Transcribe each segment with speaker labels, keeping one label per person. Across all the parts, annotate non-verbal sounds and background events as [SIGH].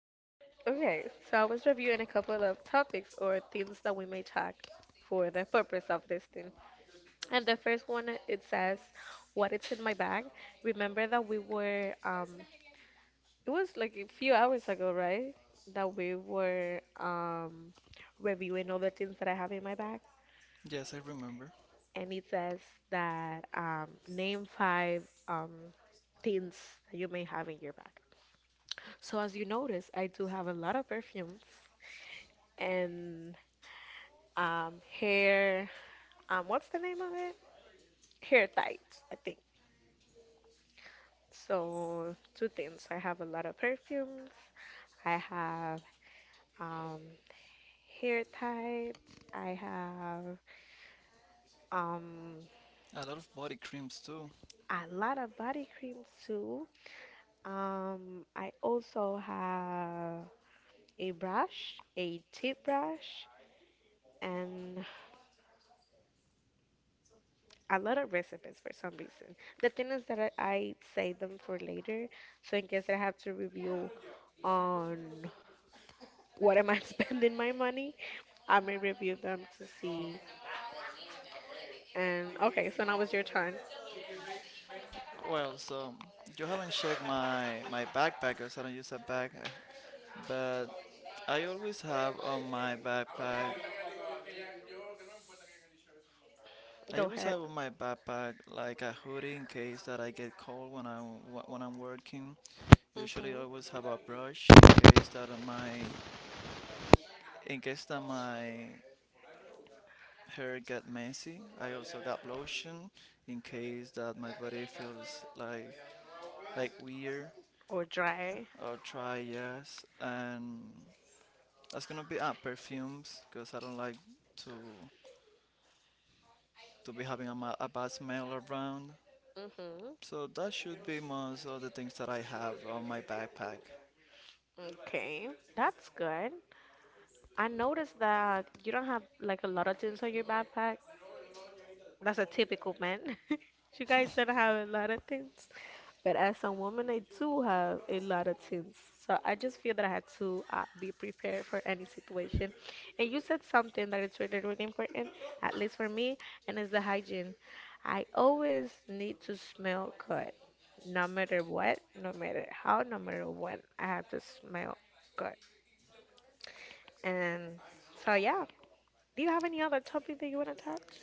Speaker 1: Yes,
Speaker 2: Okay, so I was reviewing a couple of topics or themes that we may talk for the purpose of this thing. And the first one, it says, what is in my bag? Remember that it was like a few hours ago, right? That we were, reviewing all the things that I have in my bag.
Speaker 1: yes, I remember.
Speaker 2: And it says that, name five things that you may have in your bag. So as you notice, I do have a lot of perfumes and, um, hair. What's the name of it? Hair tights, I think. So two things. I have a lot of perfumes. I have, um, hair tights. I have, um,
Speaker 1: A lot of body creams too.
Speaker 2: a lot of body creams too. I also have a brush, a tip brush, and a lot of recipes for some reason. The thing is that I save them for later, so in case I have to review on what am I [LAUGHS] spending my money, I may review them to see. And okay, so now it's your turn.
Speaker 1: Well, so you haven't checked my backpack because I don't use a bag, but I always have on my backpack. I
Speaker 2: Go
Speaker 1: always
Speaker 2: ahead.
Speaker 1: have on my backpack like a hoodie in case that I get cold when I when I'm working. Usually,
Speaker 2: Mhm.
Speaker 1: I always have a brush in case that my in case that my hair get messy. I also got lotion in case that my body feels like weird.
Speaker 2: Or dry.
Speaker 1: I'll try, yes. And that's gonna be perfumes, because I don't like to to be having a, a bad smell around.
Speaker 2: Mhm.
Speaker 1: So that should be most of the things that I have on my backpack.
Speaker 2: Okay, that's good. I noticed that you don't have like a lot of things on your backpack. That's a typical man. [LAUGHS] You guys don't have a lot of things. But as a woman, I do have a lot of things. So I just feel that I had to, be prepared for any situation. And you said something that is really, really important, at least for me, and it's the hygiene. I always need to smell good, no matter what, no matter how, no matter when. I have to smell good. And so, yeah. Do you have any other topic that you want to touch?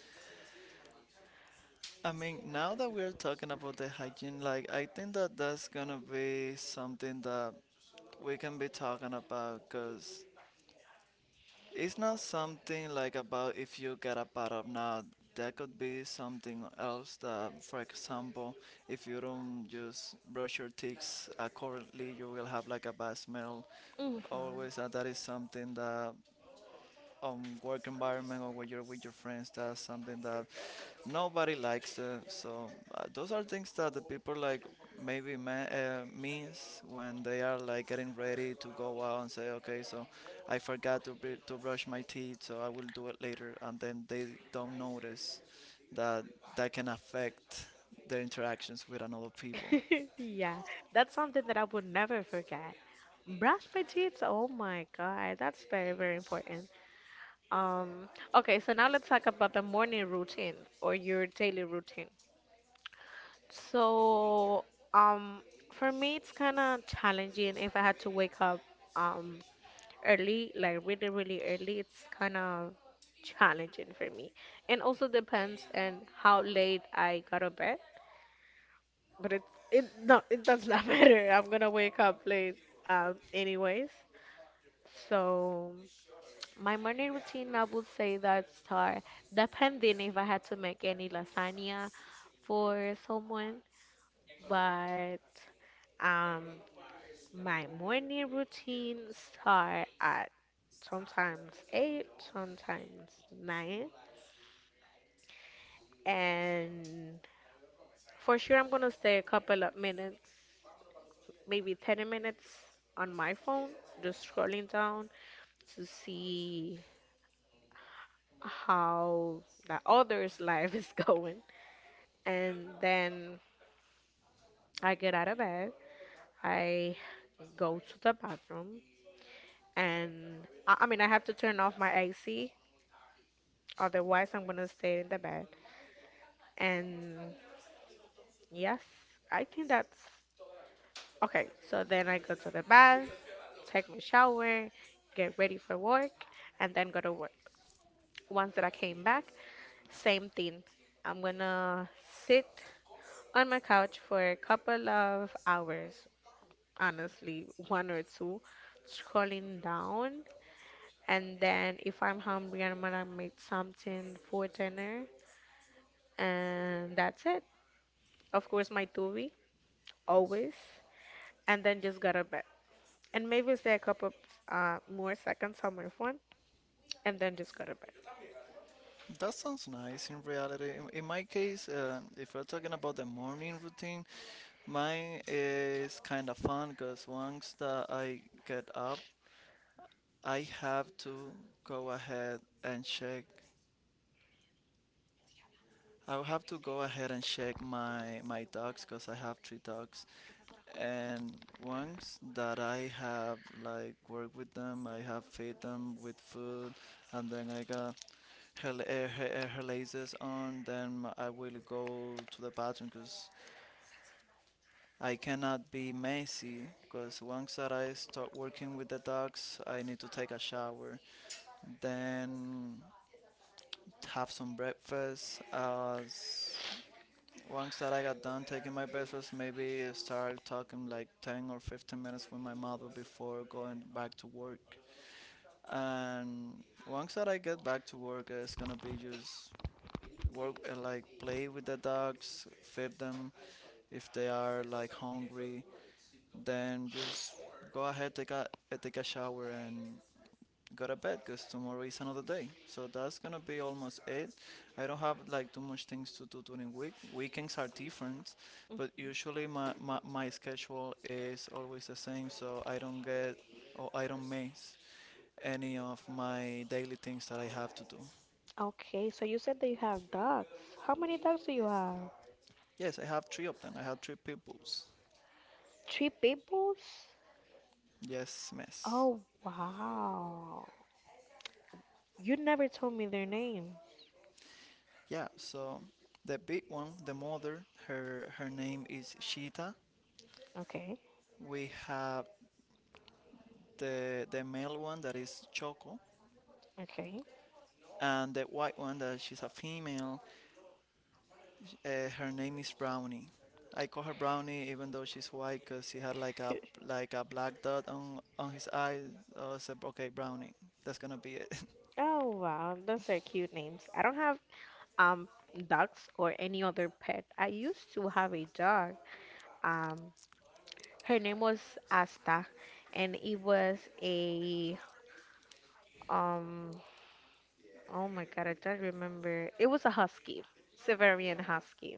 Speaker 1: I mean, now that we're talking about the hygiene, like I think that that's gonna be something that we can be talking about, because it's not something like about if you get a bad or not. That could be something else that, for example, if you don't just brush your teeth accurately, you will have like a bad smell.
Speaker 2: Hmm.
Speaker 1: Always, that is something that on work environment or when you're with your friends, that's something that nobody likes it. So those are things that the people like maybe means when they are like getting ready to go out and say, okay, so I forgot to to brush my teeth, so I will do it later, and then they don't notice that that can affect their interactions with another people.
Speaker 2: [LAUGHS] Yeah, that's something that I would never forget. Brush my teeth. Oh my God, that's very, very important. Okay, so now let's talk about the morning routine or your daily routine. So, um, for me, it's kind of challenging if I had to wake up um early, like really, really early. It's kind of challenging for me. And also depends on how late I got to bed. But it no, it does not [LAUGHS] matter. I'm gonna wake up late, anyways. So my morning routine, I would say, that start depending if I had to make any lasagna for someone. But, um my morning routine start at sometimes 8, sometimes 9. And for sure I'm gonna stay a couple of minutes, maybe 10 minutes, on my phone, just scrolling down to see how the other's [LAUGHS] life is going. And then I get out of bed, I go to the bathroom, and I mean, I have to turn off my AC, otherwise, I'm gonna stay in the bed. And yes, I think that's okay. So then I go to the bath, take my shower, get ready for work, and then go to work. Once that I came back, same thing. I'm gonna sit on my couch for a couple of hours, honestly, one or two, scrolling down. And then if I'm hungry, I'm gonna make something for dinner. And that's it. Of course, my tubby, always. And then just go to bed. And maybe stay a couple, more seconds on my phone, and then just go to bed.
Speaker 1: That sounds nice in reality. In my case, if we're talking about the morning routine, mine is kind of fun because once that I get up, I have to go ahead and check. I will have to go ahead and check my dogs because I have three dogs. And once that I have like worked with them, I have fed them with food, and then I got her laces on. Then I will go to the bathroom because I cannot be messy. Because once that I start working with the dogs, I need to take a shower. Then have some breakfast. Once that I got done taking my breakfast, maybe start talking like 10 or 15 minutes with my mother before going back to work. And once that I get back to work, it's gonna be just work like play with the dogs, feed them if they are like hungry. Then just go ahead take a take a shower and go to bed because tomorrow is another day. So that's gonna be almost it. I don't have like too much things to do during week. Weekends are different,
Speaker 2: Mm,
Speaker 1: but usually my schedule is always the same, so I don't get or I don't miss any of my daily things that I have to do.
Speaker 2: okay, so you said that you have dogs. How many dogs do you have?
Speaker 1: Yes, I have three of them. I have three peoples.
Speaker 2: Three people's?
Speaker 1: Yes, miss.
Speaker 2: Oh, wow. You never told me their names.
Speaker 1: Yeah, so the big one, the mother, her name is Shita.
Speaker 2: Okay.
Speaker 1: We have the male one that is Choco,
Speaker 2: Okay.
Speaker 1: and the white one that she's a female. Her name is Brownie. I call her Brownie even though she's white because she had like a black dot on his eye. So I said, okay, Brownie, that's gonna be it.
Speaker 2: Oh, wow. Those are cute names. I don't have um dogs or any other pet. I used to have a dog. Um, Her name was Asta, and it was a um. Oh my God, I don't remember. It was a husky, Siberian husky.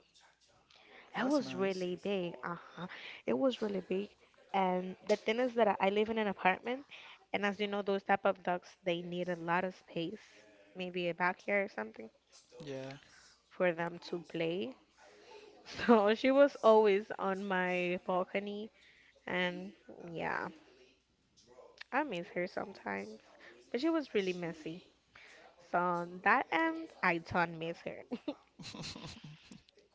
Speaker 1: [LAUGHS]
Speaker 2: It
Speaker 1: That's
Speaker 2: was
Speaker 1: nice.
Speaker 2: really big. Uh-huh. It was really big. And the thing is that I live in an apartment, and as you know, those type of dogs, they need a lot of space, maybe a backyard or something,
Speaker 1: Yeah.
Speaker 2: for them to play. [LAUGHS] So she was always on my balcony, and yeah, I miss her sometimes. But she was really messy. So on that end, I don't miss her. [LAUGHS]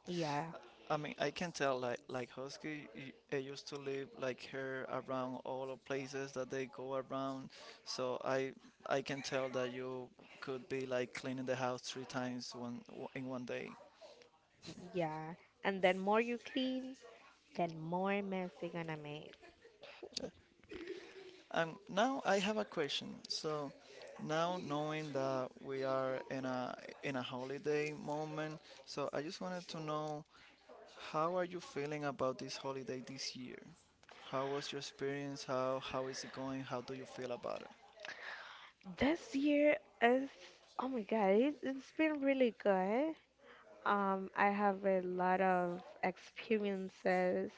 Speaker 2: Yeah,
Speaker 1: I mean, I can tell like husky I used to live like her around all the places that they go around, so I can tell that you could be like cleaning the house three times one in one day.
Speaker 2: yeah. And then more you clean, then more mess they're gonna make.
Speaker 1: Now I have a question. So now knowing that we are in a holiday moment, so I just wanted to know how are you feeling about this holiday this year? How was your experience? How is it going? How do you feel about it?
Speaker 2: This year is, oh my God, it's been really good. I have a lot of experiences,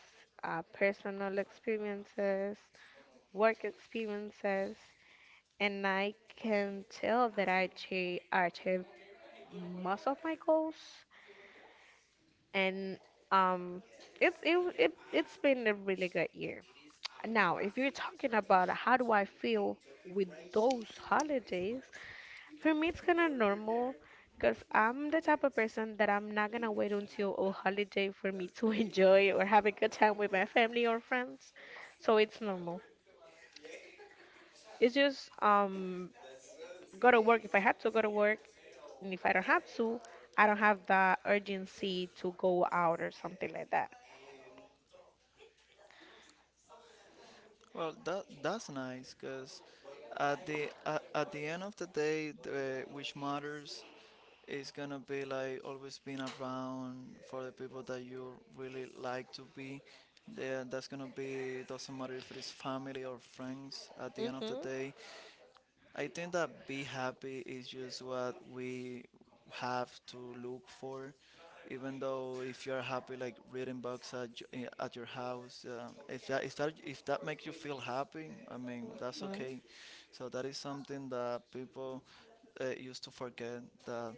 Speaker 2: personal experiences, work experiences, and I can tell that I achieved most of my goals. And, um, it's been a really good year. Now, if you're talking about how do I feel with those holidays, for me, it's kind of normal because I'm the type of person that I'm not gonna wait until a holiday for me to [LAUGHS] enjoy or have a good time with my family or friends. So it's normal. It's just, go to work if I have to go to work, and if I don't have to, I don't have the urgency to go out or something like that.
Speaker 1: Well, that that's nice because at the end of the day, the, which matters, it's gonna be like always being around for the people that you really like to be. Yeah, that's gonna be doesn't matter if it's family or friends. At the end of the
Speaker 2: Mhm.
Speaker 1: day, I think that be happy is just what we have to look for. Even though if you're happy like reading books at at your house, if that makes you feel happy, I mean that's
Speaker 2: Mhm.
Speaker 1: okay. So that is something that people used to forget that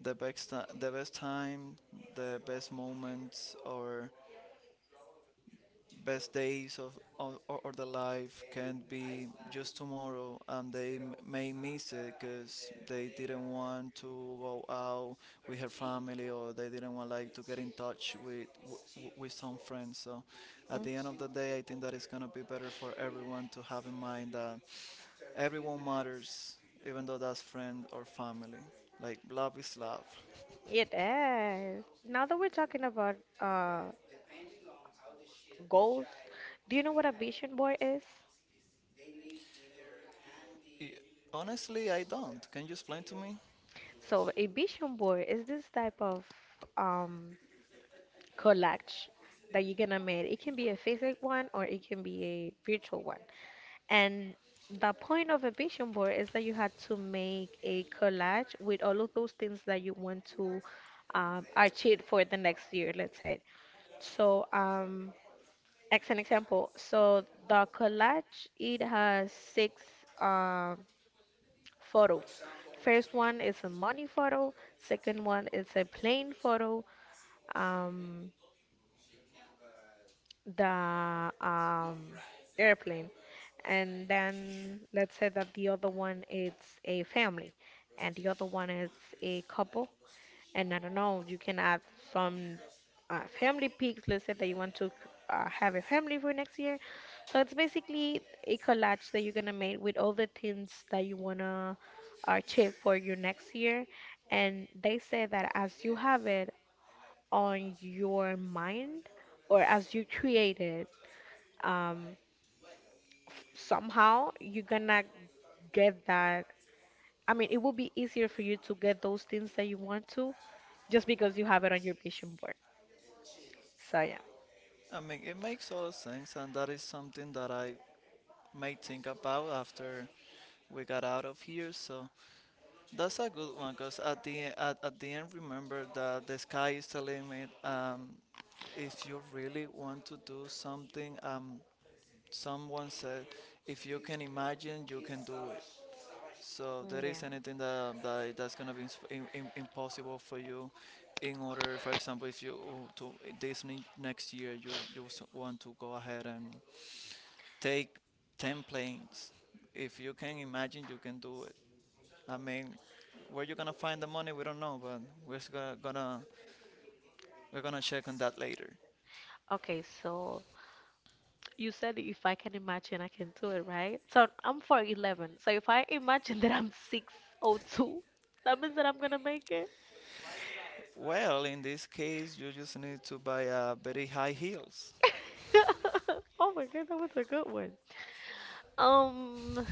Speaker 1: the best time, the best moments, or best days of or the life can be just tomorrow, and they may miss it because they didn't want to go out with her family, or they didn't want like to get in touch with some friends. So, at
Speaker 2: Mm.
Speaker 1: the end of the day, I think that it's gonna be better for everyone to have in mind that everyone matters, even though that's friend or family. Like love is love.
Speaker 2: It is. Now that we're talking about, goals, do you know what a vision board is?
Speaker 1: Y- Honestly, I don't. Can you explain to me?
Speaker 2: So a vision board is this type of, um, collage that you're gonna make. It can be a physical one or it can be a virtual one. And the point of a vision board is that you had to make a collage with all of those things that you want to, achieve for the next year, let's say. So, as an example, so the collage it has six. Um, photos. First one is a money photo, second one is a plane photo, um, the, airplane. And then let's say that the other one is a family and the other one is a couple. And I don't know, you can add some, family pics. Let's say that you want to, have a family for next year. So it's basically a collage that you're gonna make with all the things that you wanna achieve for your next year. And they say that as you have it, on your mind or as you create it, um, somehow you're gonna get that. I mean, it will be easier for you to get those things that you want to just because you have it on your vision board. So, yeah.
Speaker 1: I mean, it makes all sense, and that is something that I may think about after we got out of here. So that's a good one, because at at the end, remember that the sky is the limit. If you really want to do something, someone said, if you can imagine, you can do it. So there is
Speaker 2: Yeah.
Speaker 1: anything that, that's gonna be impossible for you, in order, for example, if you this next year you want to go ahead and take ten planes. If you can imagine, you can do it. I mean, where you gonna find the money, we don't know, but we're s- gonna gonna- we're gonna check on that later.
Speaker 2: Okay, so you said if I can imagine, I can do it, right? So I'm 4'11. So if I imagine that I'm 6'02, that means that I'm gonna make it.
Speaker 1: Well, in this case, you just need to buy very high heels.
Speaker 2: [LAUGHS] Oh my God, that was a good one. Um,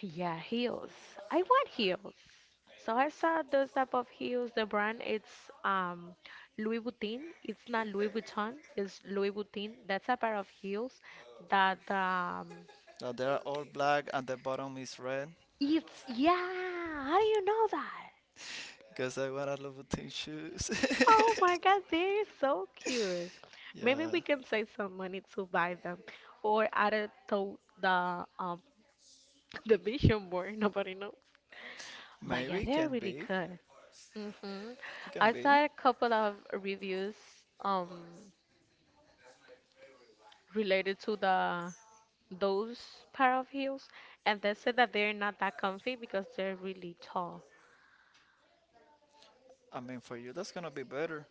Speaker 2: Yeah, heels. I want heels. So I saw those type of heels. The brand it's, Louis Vuitton. It's not Louis Vuitton. It's Louis Vuitton. That's a pair of heels that,
Speaker 1: Now they are all black and the bottom is red
Speaker 2: it's, yeah. How do you know that?
Speaker 1: because I wear a Louboutin shoes. [LAUGHS]
Speaker 2: Oh my God, they're so cute. Maybe we
Speaker 1: Yeah,
Speaker 2: can save some money to buy them or add it to the [LAUGHS] the vision board. [LAUGHS] Nobody knows. But yeah,
Speaker 1: maybe it
Speaker 2: they're
Speaker 1: can
Speaker 2: really
Speaker 1: be.
Speaker 2: good. hmm
Speaker 1: It can
Speaker 2: I
Speaker 1: be.
Speaker 2: saw a couple of reviews, um related to the those pair of heels, and they said that they're not that comfy because they're really tall.
Speaker 1: I mean, for you, that's gonna be better.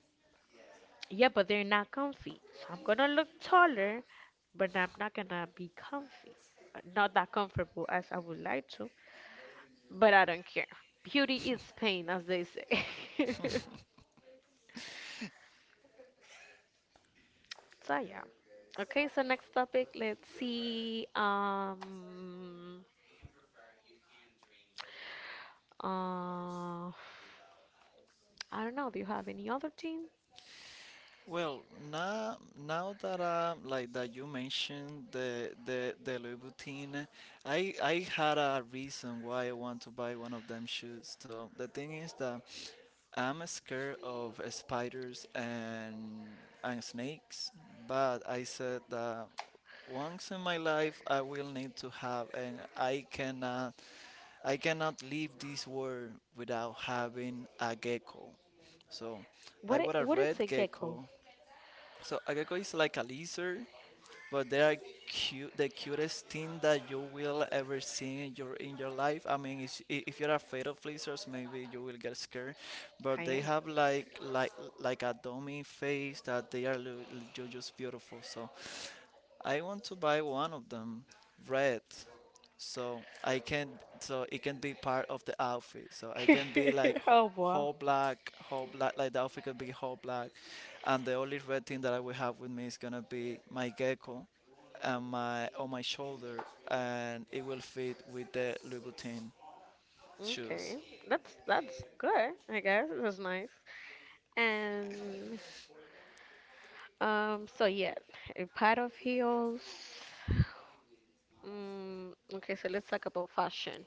Speaker 2: Yeah, but they're not comfy. So I'm gonna look taller, but I'm not gonna be comfy. Not that comfortable as I would like to, but I don't care. Beauty is pain, as they say. [LAUGHS] So yeah. Okay, so next topic, let's see. Uh, I don't know. Do you have any other team?
Speaker 1: Well, now that like that you mentioned the Louis Vuitton, I had a reason why I want to buy one of them shoes. So the thing is that I'm scared of spiders and snakes, but I said that once in my life I will need to have, and I cannot leave this world without having a gecko. So I
Speaker 2: What
Speaker 1: want a
Speaker 2: what is a
Speaker 1: red
Speaker 2: gecko?
Speaker 1: gecko. So a gecko is like a lizard, but they are cute, the cutest thing that you will ever see in your life. I mean, if you're afraid of lizards, maybe you will get scared,
Speaker 2: I
Speaker 1: but they
Speaker 2: am.
Speaker 1: have like a dummy face that they are just beautiful. So I want to buy one of them, red, so I can so it can be part of the outfit. So I can be like
Speaker 2: [LAUGHS] Oh wow.
Speaker 1: whole black, whole black. Like the outfit can be whole black, and the only red thing that I will have with me is gonna be my gecko, and my on my shoulder, and it will fit with the Louboutin shoes.
Speaker 2: Okay, that's good. I guess that's nice. And, so yeah, a pair of heels. Mm, okay, so let's talk about fashion.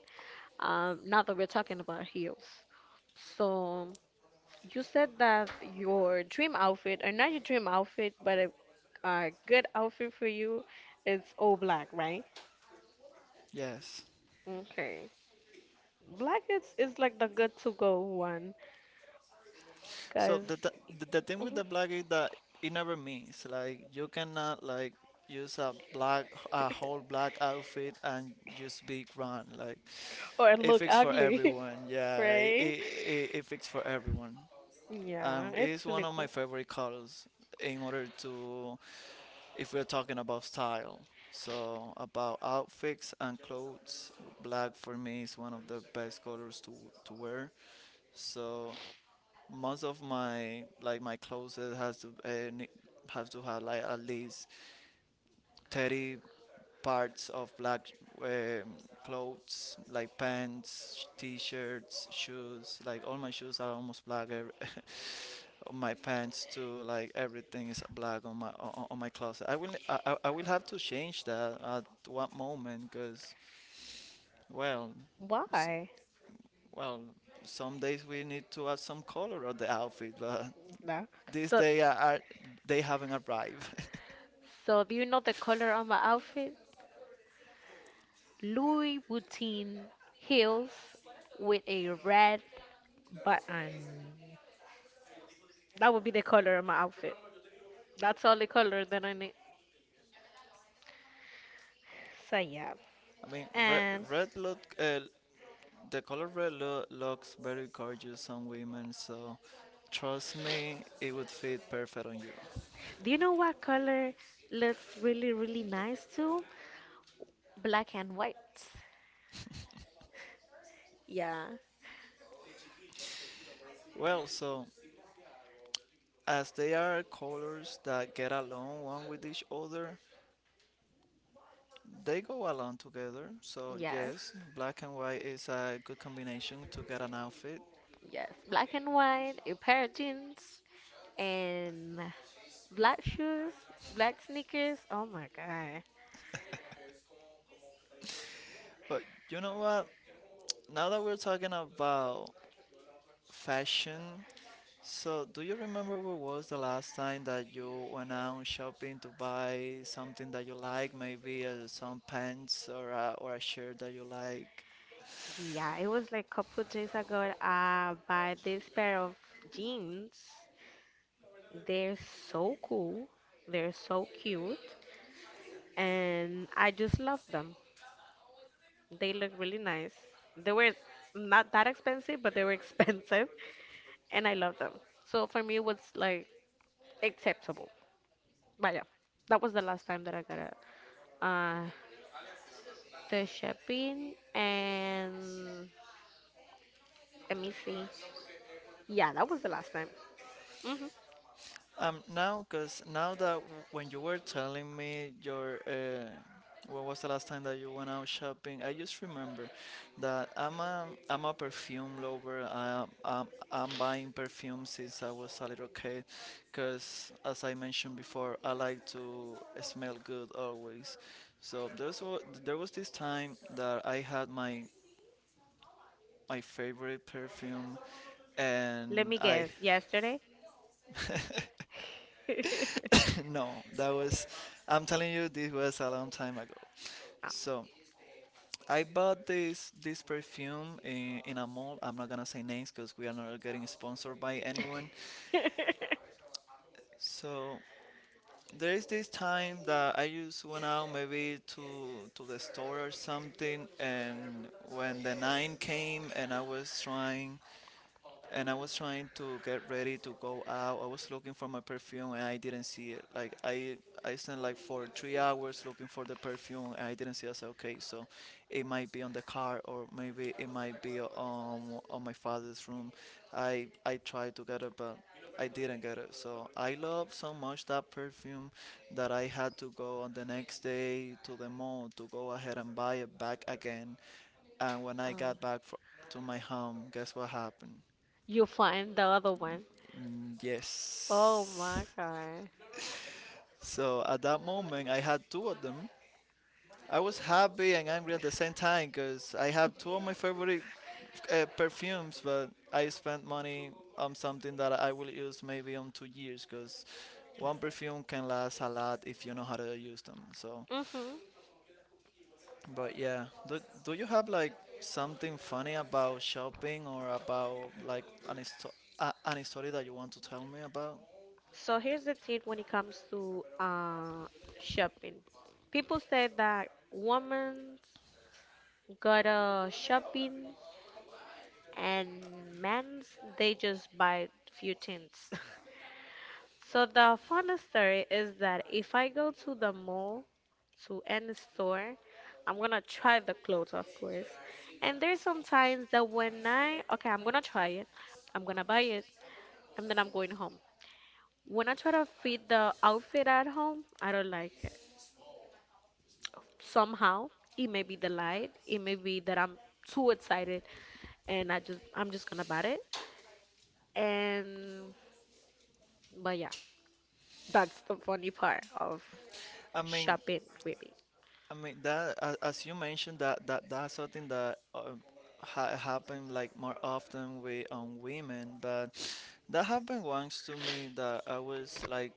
Speaker 2: Now that we're talking about heels, so you said that your dream outfit, or not your dream outfit, but a good outfit for you, is all black, right?
Speaker 1: Yes.
Speaker 2: Okay. Black is like the good to go one,
Speaker 1: So
Speaker 2: cause.
Speaker 1: the thing with
Speaker 2: Mhm.
Speaker 1: the black is that it never means like you cannot like use a black a whole black outfit and just be grand like
Speaker 2: Or it
Speaker 1: it
Speaker 2: look
Speaker 1: fits for
Speaker 2: ugly,
Speaker 1: everyone.
Speaker 2: [LAUGHS]
Speaker 1: Yeah,
Speaker 2: right?
Speaker 1: it fits for everyone.
Speaker 2: Yeah,
Speaker 1: It is
Speaker 2: it's
Speaker 1: one
Speaker 2: really
Speaker 1: of
Speaker 2: cool.
Speaker 1: my favorite colors in order to, if we're talking about style. So about outfits and clothes, black for me is one of the best colors to wear. So most of my like my clothes has to have to have like at least 30 parts of black um, clothes, like pants, t-shirts, shoes. Like all my shoes are almost black. Every, [LAUGHS] my pants too. Like everything is black on on my closet. I will have to change that at one moment because well, s-
Speaker 2: Why?
Speaker 1: well, some days we need to add some color on the outfit, but
Speaker 2: Nah.
Speaker 1: this
Speaker 2: So,
Speaker 1: day are they haven't arrived. [LAUGHS]
Speaker 2: do you know the color on my outfit? Louis Vuitton heels with a red button. That would be the color of my outfit. That's all the color that I need. So yeah.
Speaker 1: I mean,
Speaker 2: And
Speaker 1: red look the color red looks very gorgeous on women, so trust me, it would fit perfect on you.
Speaker 2: do you know what color looks really, really nice too? Black and white. Yeah.
Speaker 1: Well, so as they are colors that get along one with each other, they go along together. So
Speaker 2: Yes,
Speaker 1: yes, black and white is a good combination to get an outfit.
Speaker 2: yes. Black and white, a pair of jeans, and black shoes, black sneakers. Oh my God.
Speaker 1: But you know what? Now that we're talking about fashion, so, do you remember what was the last time that you went out shopping to buy something that you like, maybe some pants or a shirt that you like?
Speaker 2: Yeah, it was like a couple days ago. I buy this pair of jeans. They're so cool. They're so cute. And I just love them. They look really nice. They were not that expensive, but they were [LAUGHS] expensive. And I love them. So for me, it was like acceptable. But yeah, that was the last time that I got a uh, the shopping, and let me see. Yeah, that was the last time. hmm
Speaker 1: Now, because now that when you were telling me your when was the last time that you went out shopping, I just remember that I'm a perfume lover. I'm buying perfume since I was a little kid, because as I mentioned before, I like to smell good always. So there was this time that I had my favorite perfume,
Speaker 2: Let
Speaker 1: and
Speaker 2: me
Speaker 1: I.
Speaker 2: guess. Yesterday?
Speaker 1: [LAUGHS]
Speaker 2: [LAUGHS]
Speaker 1: [LAUGHS] No, that was. I'm telling you, this was a long time ago.
Speaker 2: Oh.
Speaker 1: So I bought this perfume in a mall. I'm not gonna say names because we are not getting sponsored by anyone.
Speaker 2: [LAUGHS]
Speaker 1: So there is this time that I just went out maybe to the store or something, and when the nine came and I was trying to get ready to go out. I was looking for my perfume and I didn't see it. Like I spent like for 3 hours looking for the perfume and I didn't see it. I said, okay, so it might be on the car or maybe it might be on my father's room. I tried to get it, but I didn't get it. So I love so much that perfume that I had to go on the next day to the mall to go ahead and buy it back again. And when I
Speaker 2: Oh.
Speaker 1: got back fr to my home, guess what happened?
Speaker 2: You find the other one.
Speaker 1: Mm,
Speaker 2: Oh
Speaker 1: yes.
Speaker 2: my God.
Speaker 1: So at that moment, I had two of them. I was happy and angry at the same time because I have two of my favorite perfumes, but I spent money on something that I will use maybe on 2 years, because one perfume can last a lot if you know how to use them. So,
Speaker 2: hmm
Speaker 1: but yeah, do you have like something funny about shopping or about like an story that you want to tell me about?
Speaker 2: So here's the thing when it comes to, shopping. People say that women's gotta shopping and men's they just buy few things. [LAUGHS] So the funny story is that if I go to the mall, to any store, I'm gonna try the clothes, of course. And there's some times that when I, okay, I'm gonna try it, I'm gonna buy it, and then I'm going home. When I try to fit the outfit at home, I don't like it. Somehow, it may be the light, it may be that I'm too excited, and I'm just gonna buy it. And, but yeah, that's the funny part of
Speaker 1: I mean,
Speaker 2: shopping with.
Speaker 1: I mean that as you mentioned, that that's something that ha happened like more often with on women, but that happened once to me. That I was like,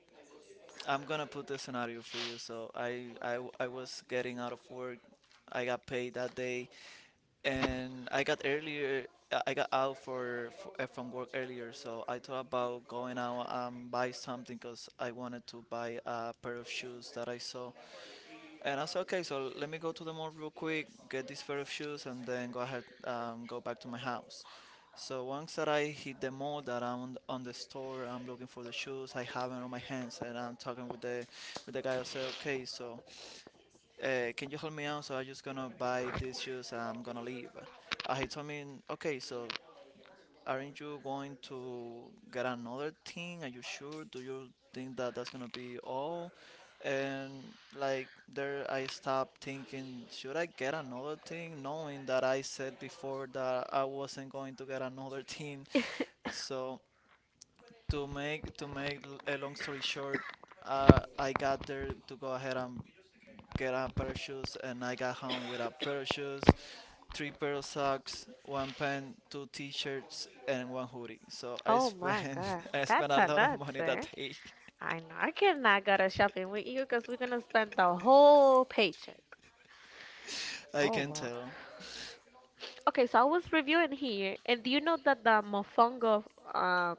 Speaker 1: I'm gonna put the scenario for you. So I was getting out of work. I got paid that day, and I got earlier. I got out for, from work earlier, so I thought about going out and buy something because I wanted to buy a pair of shoes that I saw. And I said, okay, so let me go to the mall real quick, get this pair of shoes, and then go ahead, go back to my house. So once that I hit the mall, that I'm on the store, I'm looking for the shoes. I have it on my hands, and I'm talking with the guy. I say, okay, so can you help me out? So I'm just gonna buy these shoes. I'm gonna leave. He told me, okay, so aren't you going to get another thing? Are you sure? Do you think that that's gonna be all? And like there, I stopped thinking, should I get another thing, knowing that I said before that I wasn't going to get another [LAUGHS] thing. So to make a long story short, I got there to go ahead and get a pair of shoes, and I got home with a pair of shoes, three pair of socks, one pen, two t-shirts, and one hoodie. So I
Speaker 2: Oh my
Speaker 1: spent
Speaker 2: God,
Speaker 1: [LAUGHS] I spent
Speaker 2: that's
Speaker 1: a
Speaker 2: a
Speaker 1: lot of
Speaker 2: nuts,
Speaker 1: money that
Speaker 2: sir.
Speaker 1: day.
Speaker 2: I know. I cannot go to shopping with you because we're gonna spend the whole paycheck.
Speaker 1: [LAUGHS] I
Speaker 2: Oh
Speaker 1: can
Speaker 2: wow.
Speaker 1: tell.
Speaker 2: Okay, so I was reviewing here, and do you know that the mofongo, um,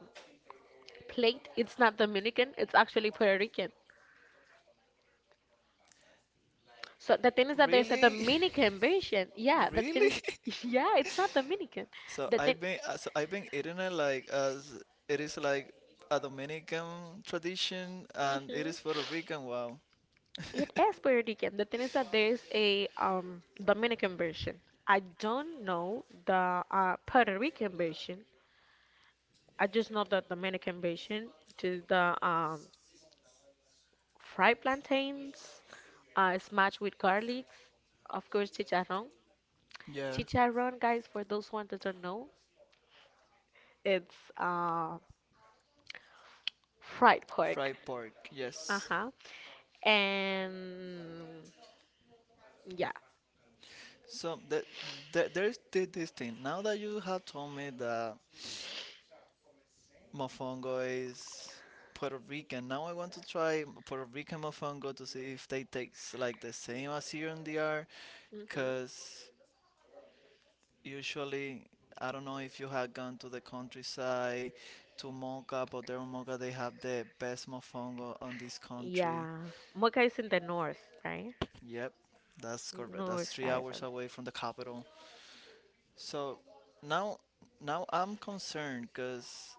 Speaker 2: plate? It's not Dominican. It's actually Puerto Rican. So the thing is that there's a
Speaker 1: Really,
Speaker 2: Dominican version. Yeah,
Speaker 1: [LAUGHS]
Speaker 2: the thing
Speaker 1: really. [LAUGHS]
Speaker 2: is, [LAUGHS] yeah, it's not Dominican. The thing.
Speaker 1: So I've been eating it like as it is like a Dominican tradition, and it
Speaker 2: hmm
Speaker 1: is Puerto Rican. Wow.
Speaker 2: It is Puerto Rican. The thing is that there's a, Dominican version. I don't know the, Puerto Rican version. I just know the Dominican version, which is the, fried plantains, smashed with garlics, of course chicharrón.
Speaker 1: Yeah,
Speaker 2: Chicharrón, guys, for those ones that don't know, it's, fried pork.
Speaker 1: fried pork. Yes.
Speaker 2: Uh-huh. And yeah.
Speaker 1: So that there's this thing. Now that you have told me that mofongo is Puerto Rican. Now I want to try Puerto Rican mofongo to see if they taste like the same as here in the R.
Speaker 2: hmm
Speaker 1: Because usually, I don't know if you have gone to the countryside to Moca, but there in Moca they have the best mofongo on this country.
Speaker 2: Yeah. Mocha is in the north, right?
Speaker 1: Yep, that's correct. That's
Speaker 2: North
Speaker 1: three
Speaker 2: side
Speaker 1: hours away from the capital. So now, now I'm concerned because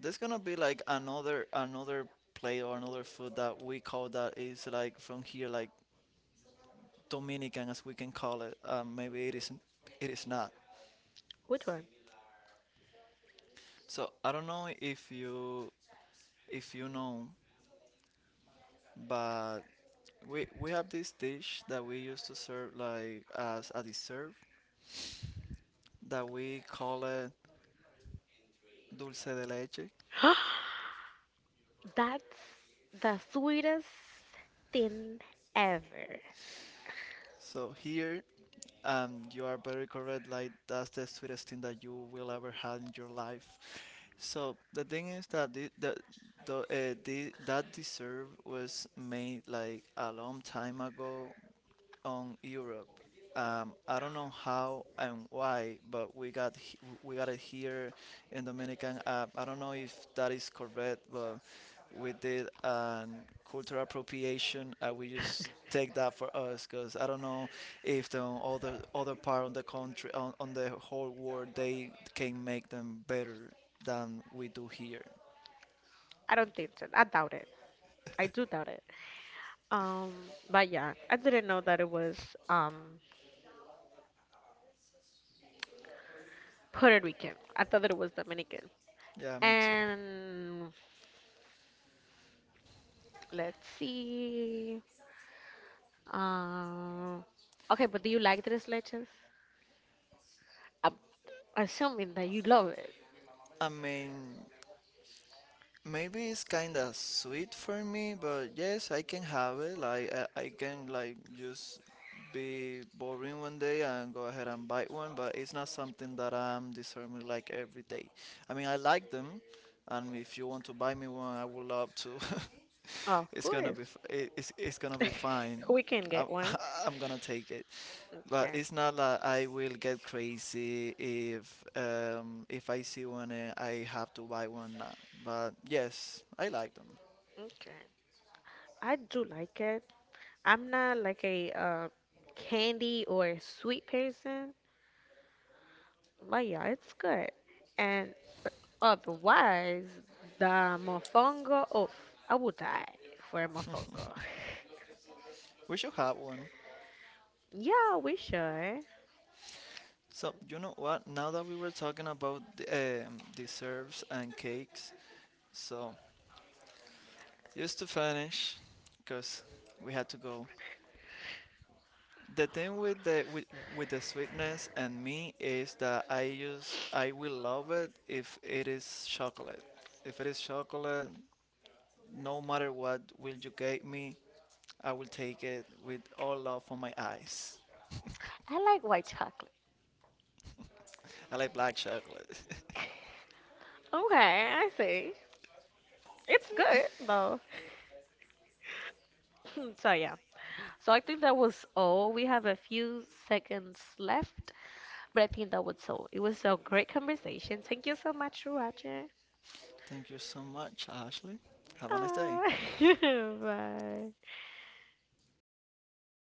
Speaker 1: there's gonna be like another plate or another food that we call that is like from here, like Dominican, as we can call it. Maybe it is, it is not.
Speaker 2: Which one?
Speaker 1: So I don't know if you know, but we have this dish that we used to serve like as a dessert that we call it dulce de leche.
Speaker 2: [GASPS] That's the sweetest thing ever.
Speaker 1: So here, you are very correct. Like, that's the sweetest thing that you will ever have in your life. So the thing is that the that deserve was made like a long time ago on Europe. I don't know how and why, but we got it here in Dominican. I don't know if that is correct, but we did cultural appropriation. We just take that for us, because I don't know if the other part of the country, on the whole world, they can make them better than we do here.
Speaker 2: I don't think so. I doubt it. I do doubt it. Um, but yeah, I didn't know that it was, um Puerto Rican. I thought that it was Dominican.
Speaker 1: Yeah, me too.
Speaker 2: And let's see. Um, okay, but do you like tres leches? I'm assuming that you love it.
Speaker 1: I mean, maybe it's kind of sweet for me, but yes, I can have it. Like I can like just be boring one day and go ahead and bite one, but it's not something that I'm discerning like every day. I mean, I like them, and if you want to buy me one, I would love to. [LAUGHS]
Speaker 2: Of
Speaker 1: It's gonna be
Speaker 2: course.
Speaker 1: it's gonna be
Speaker 2: [LAUGHS]
Speaker 1: fine.
Speaker 2: We can
Speaker 1: I,
Speaker 2: get one.
Speaker 1: [LAUGHS] I'm gonna take it. But
Speaker 2: Okay.
Speaker 1: it's not like I will get crazy if I see one and I have to buy one now. But yes, I like them.
Speaker 2: Okay. I do like it. I'm not like a, candy or sweet person, but yeah, it's good. And otherwise, the mofongo, oof, I would die for a mofongo. [LAUGHS]
Speaker 1: We should have one.
Speaker 2: Yeah, we should. I
Speaker 1: So you know what? Now that we were talking about the, desserts and cakes, so just to finish, because we had to go. The thing with the sweetness and me is that I will love it if it is chocolate. If it is chocolate, no matter what will you give me, I will take it with all love for my eyes.
Speaker 2: like white chocolate.
Speaker 1: I like black chocolate. [LAUGHS]
Speaker 2: [LAUGHS] Okay, I see. It's good though. [LAUGHS] [CLEARS THROAT] So yeah. So I think that was all. We have a few seconds left, but I think that was all. It was a great conversation. Thank you so much, Roger.
Speaker 1: Thank you so much, Ashley. Have a nice day.
Speaker 2: Ah, [LAUGHS] bye.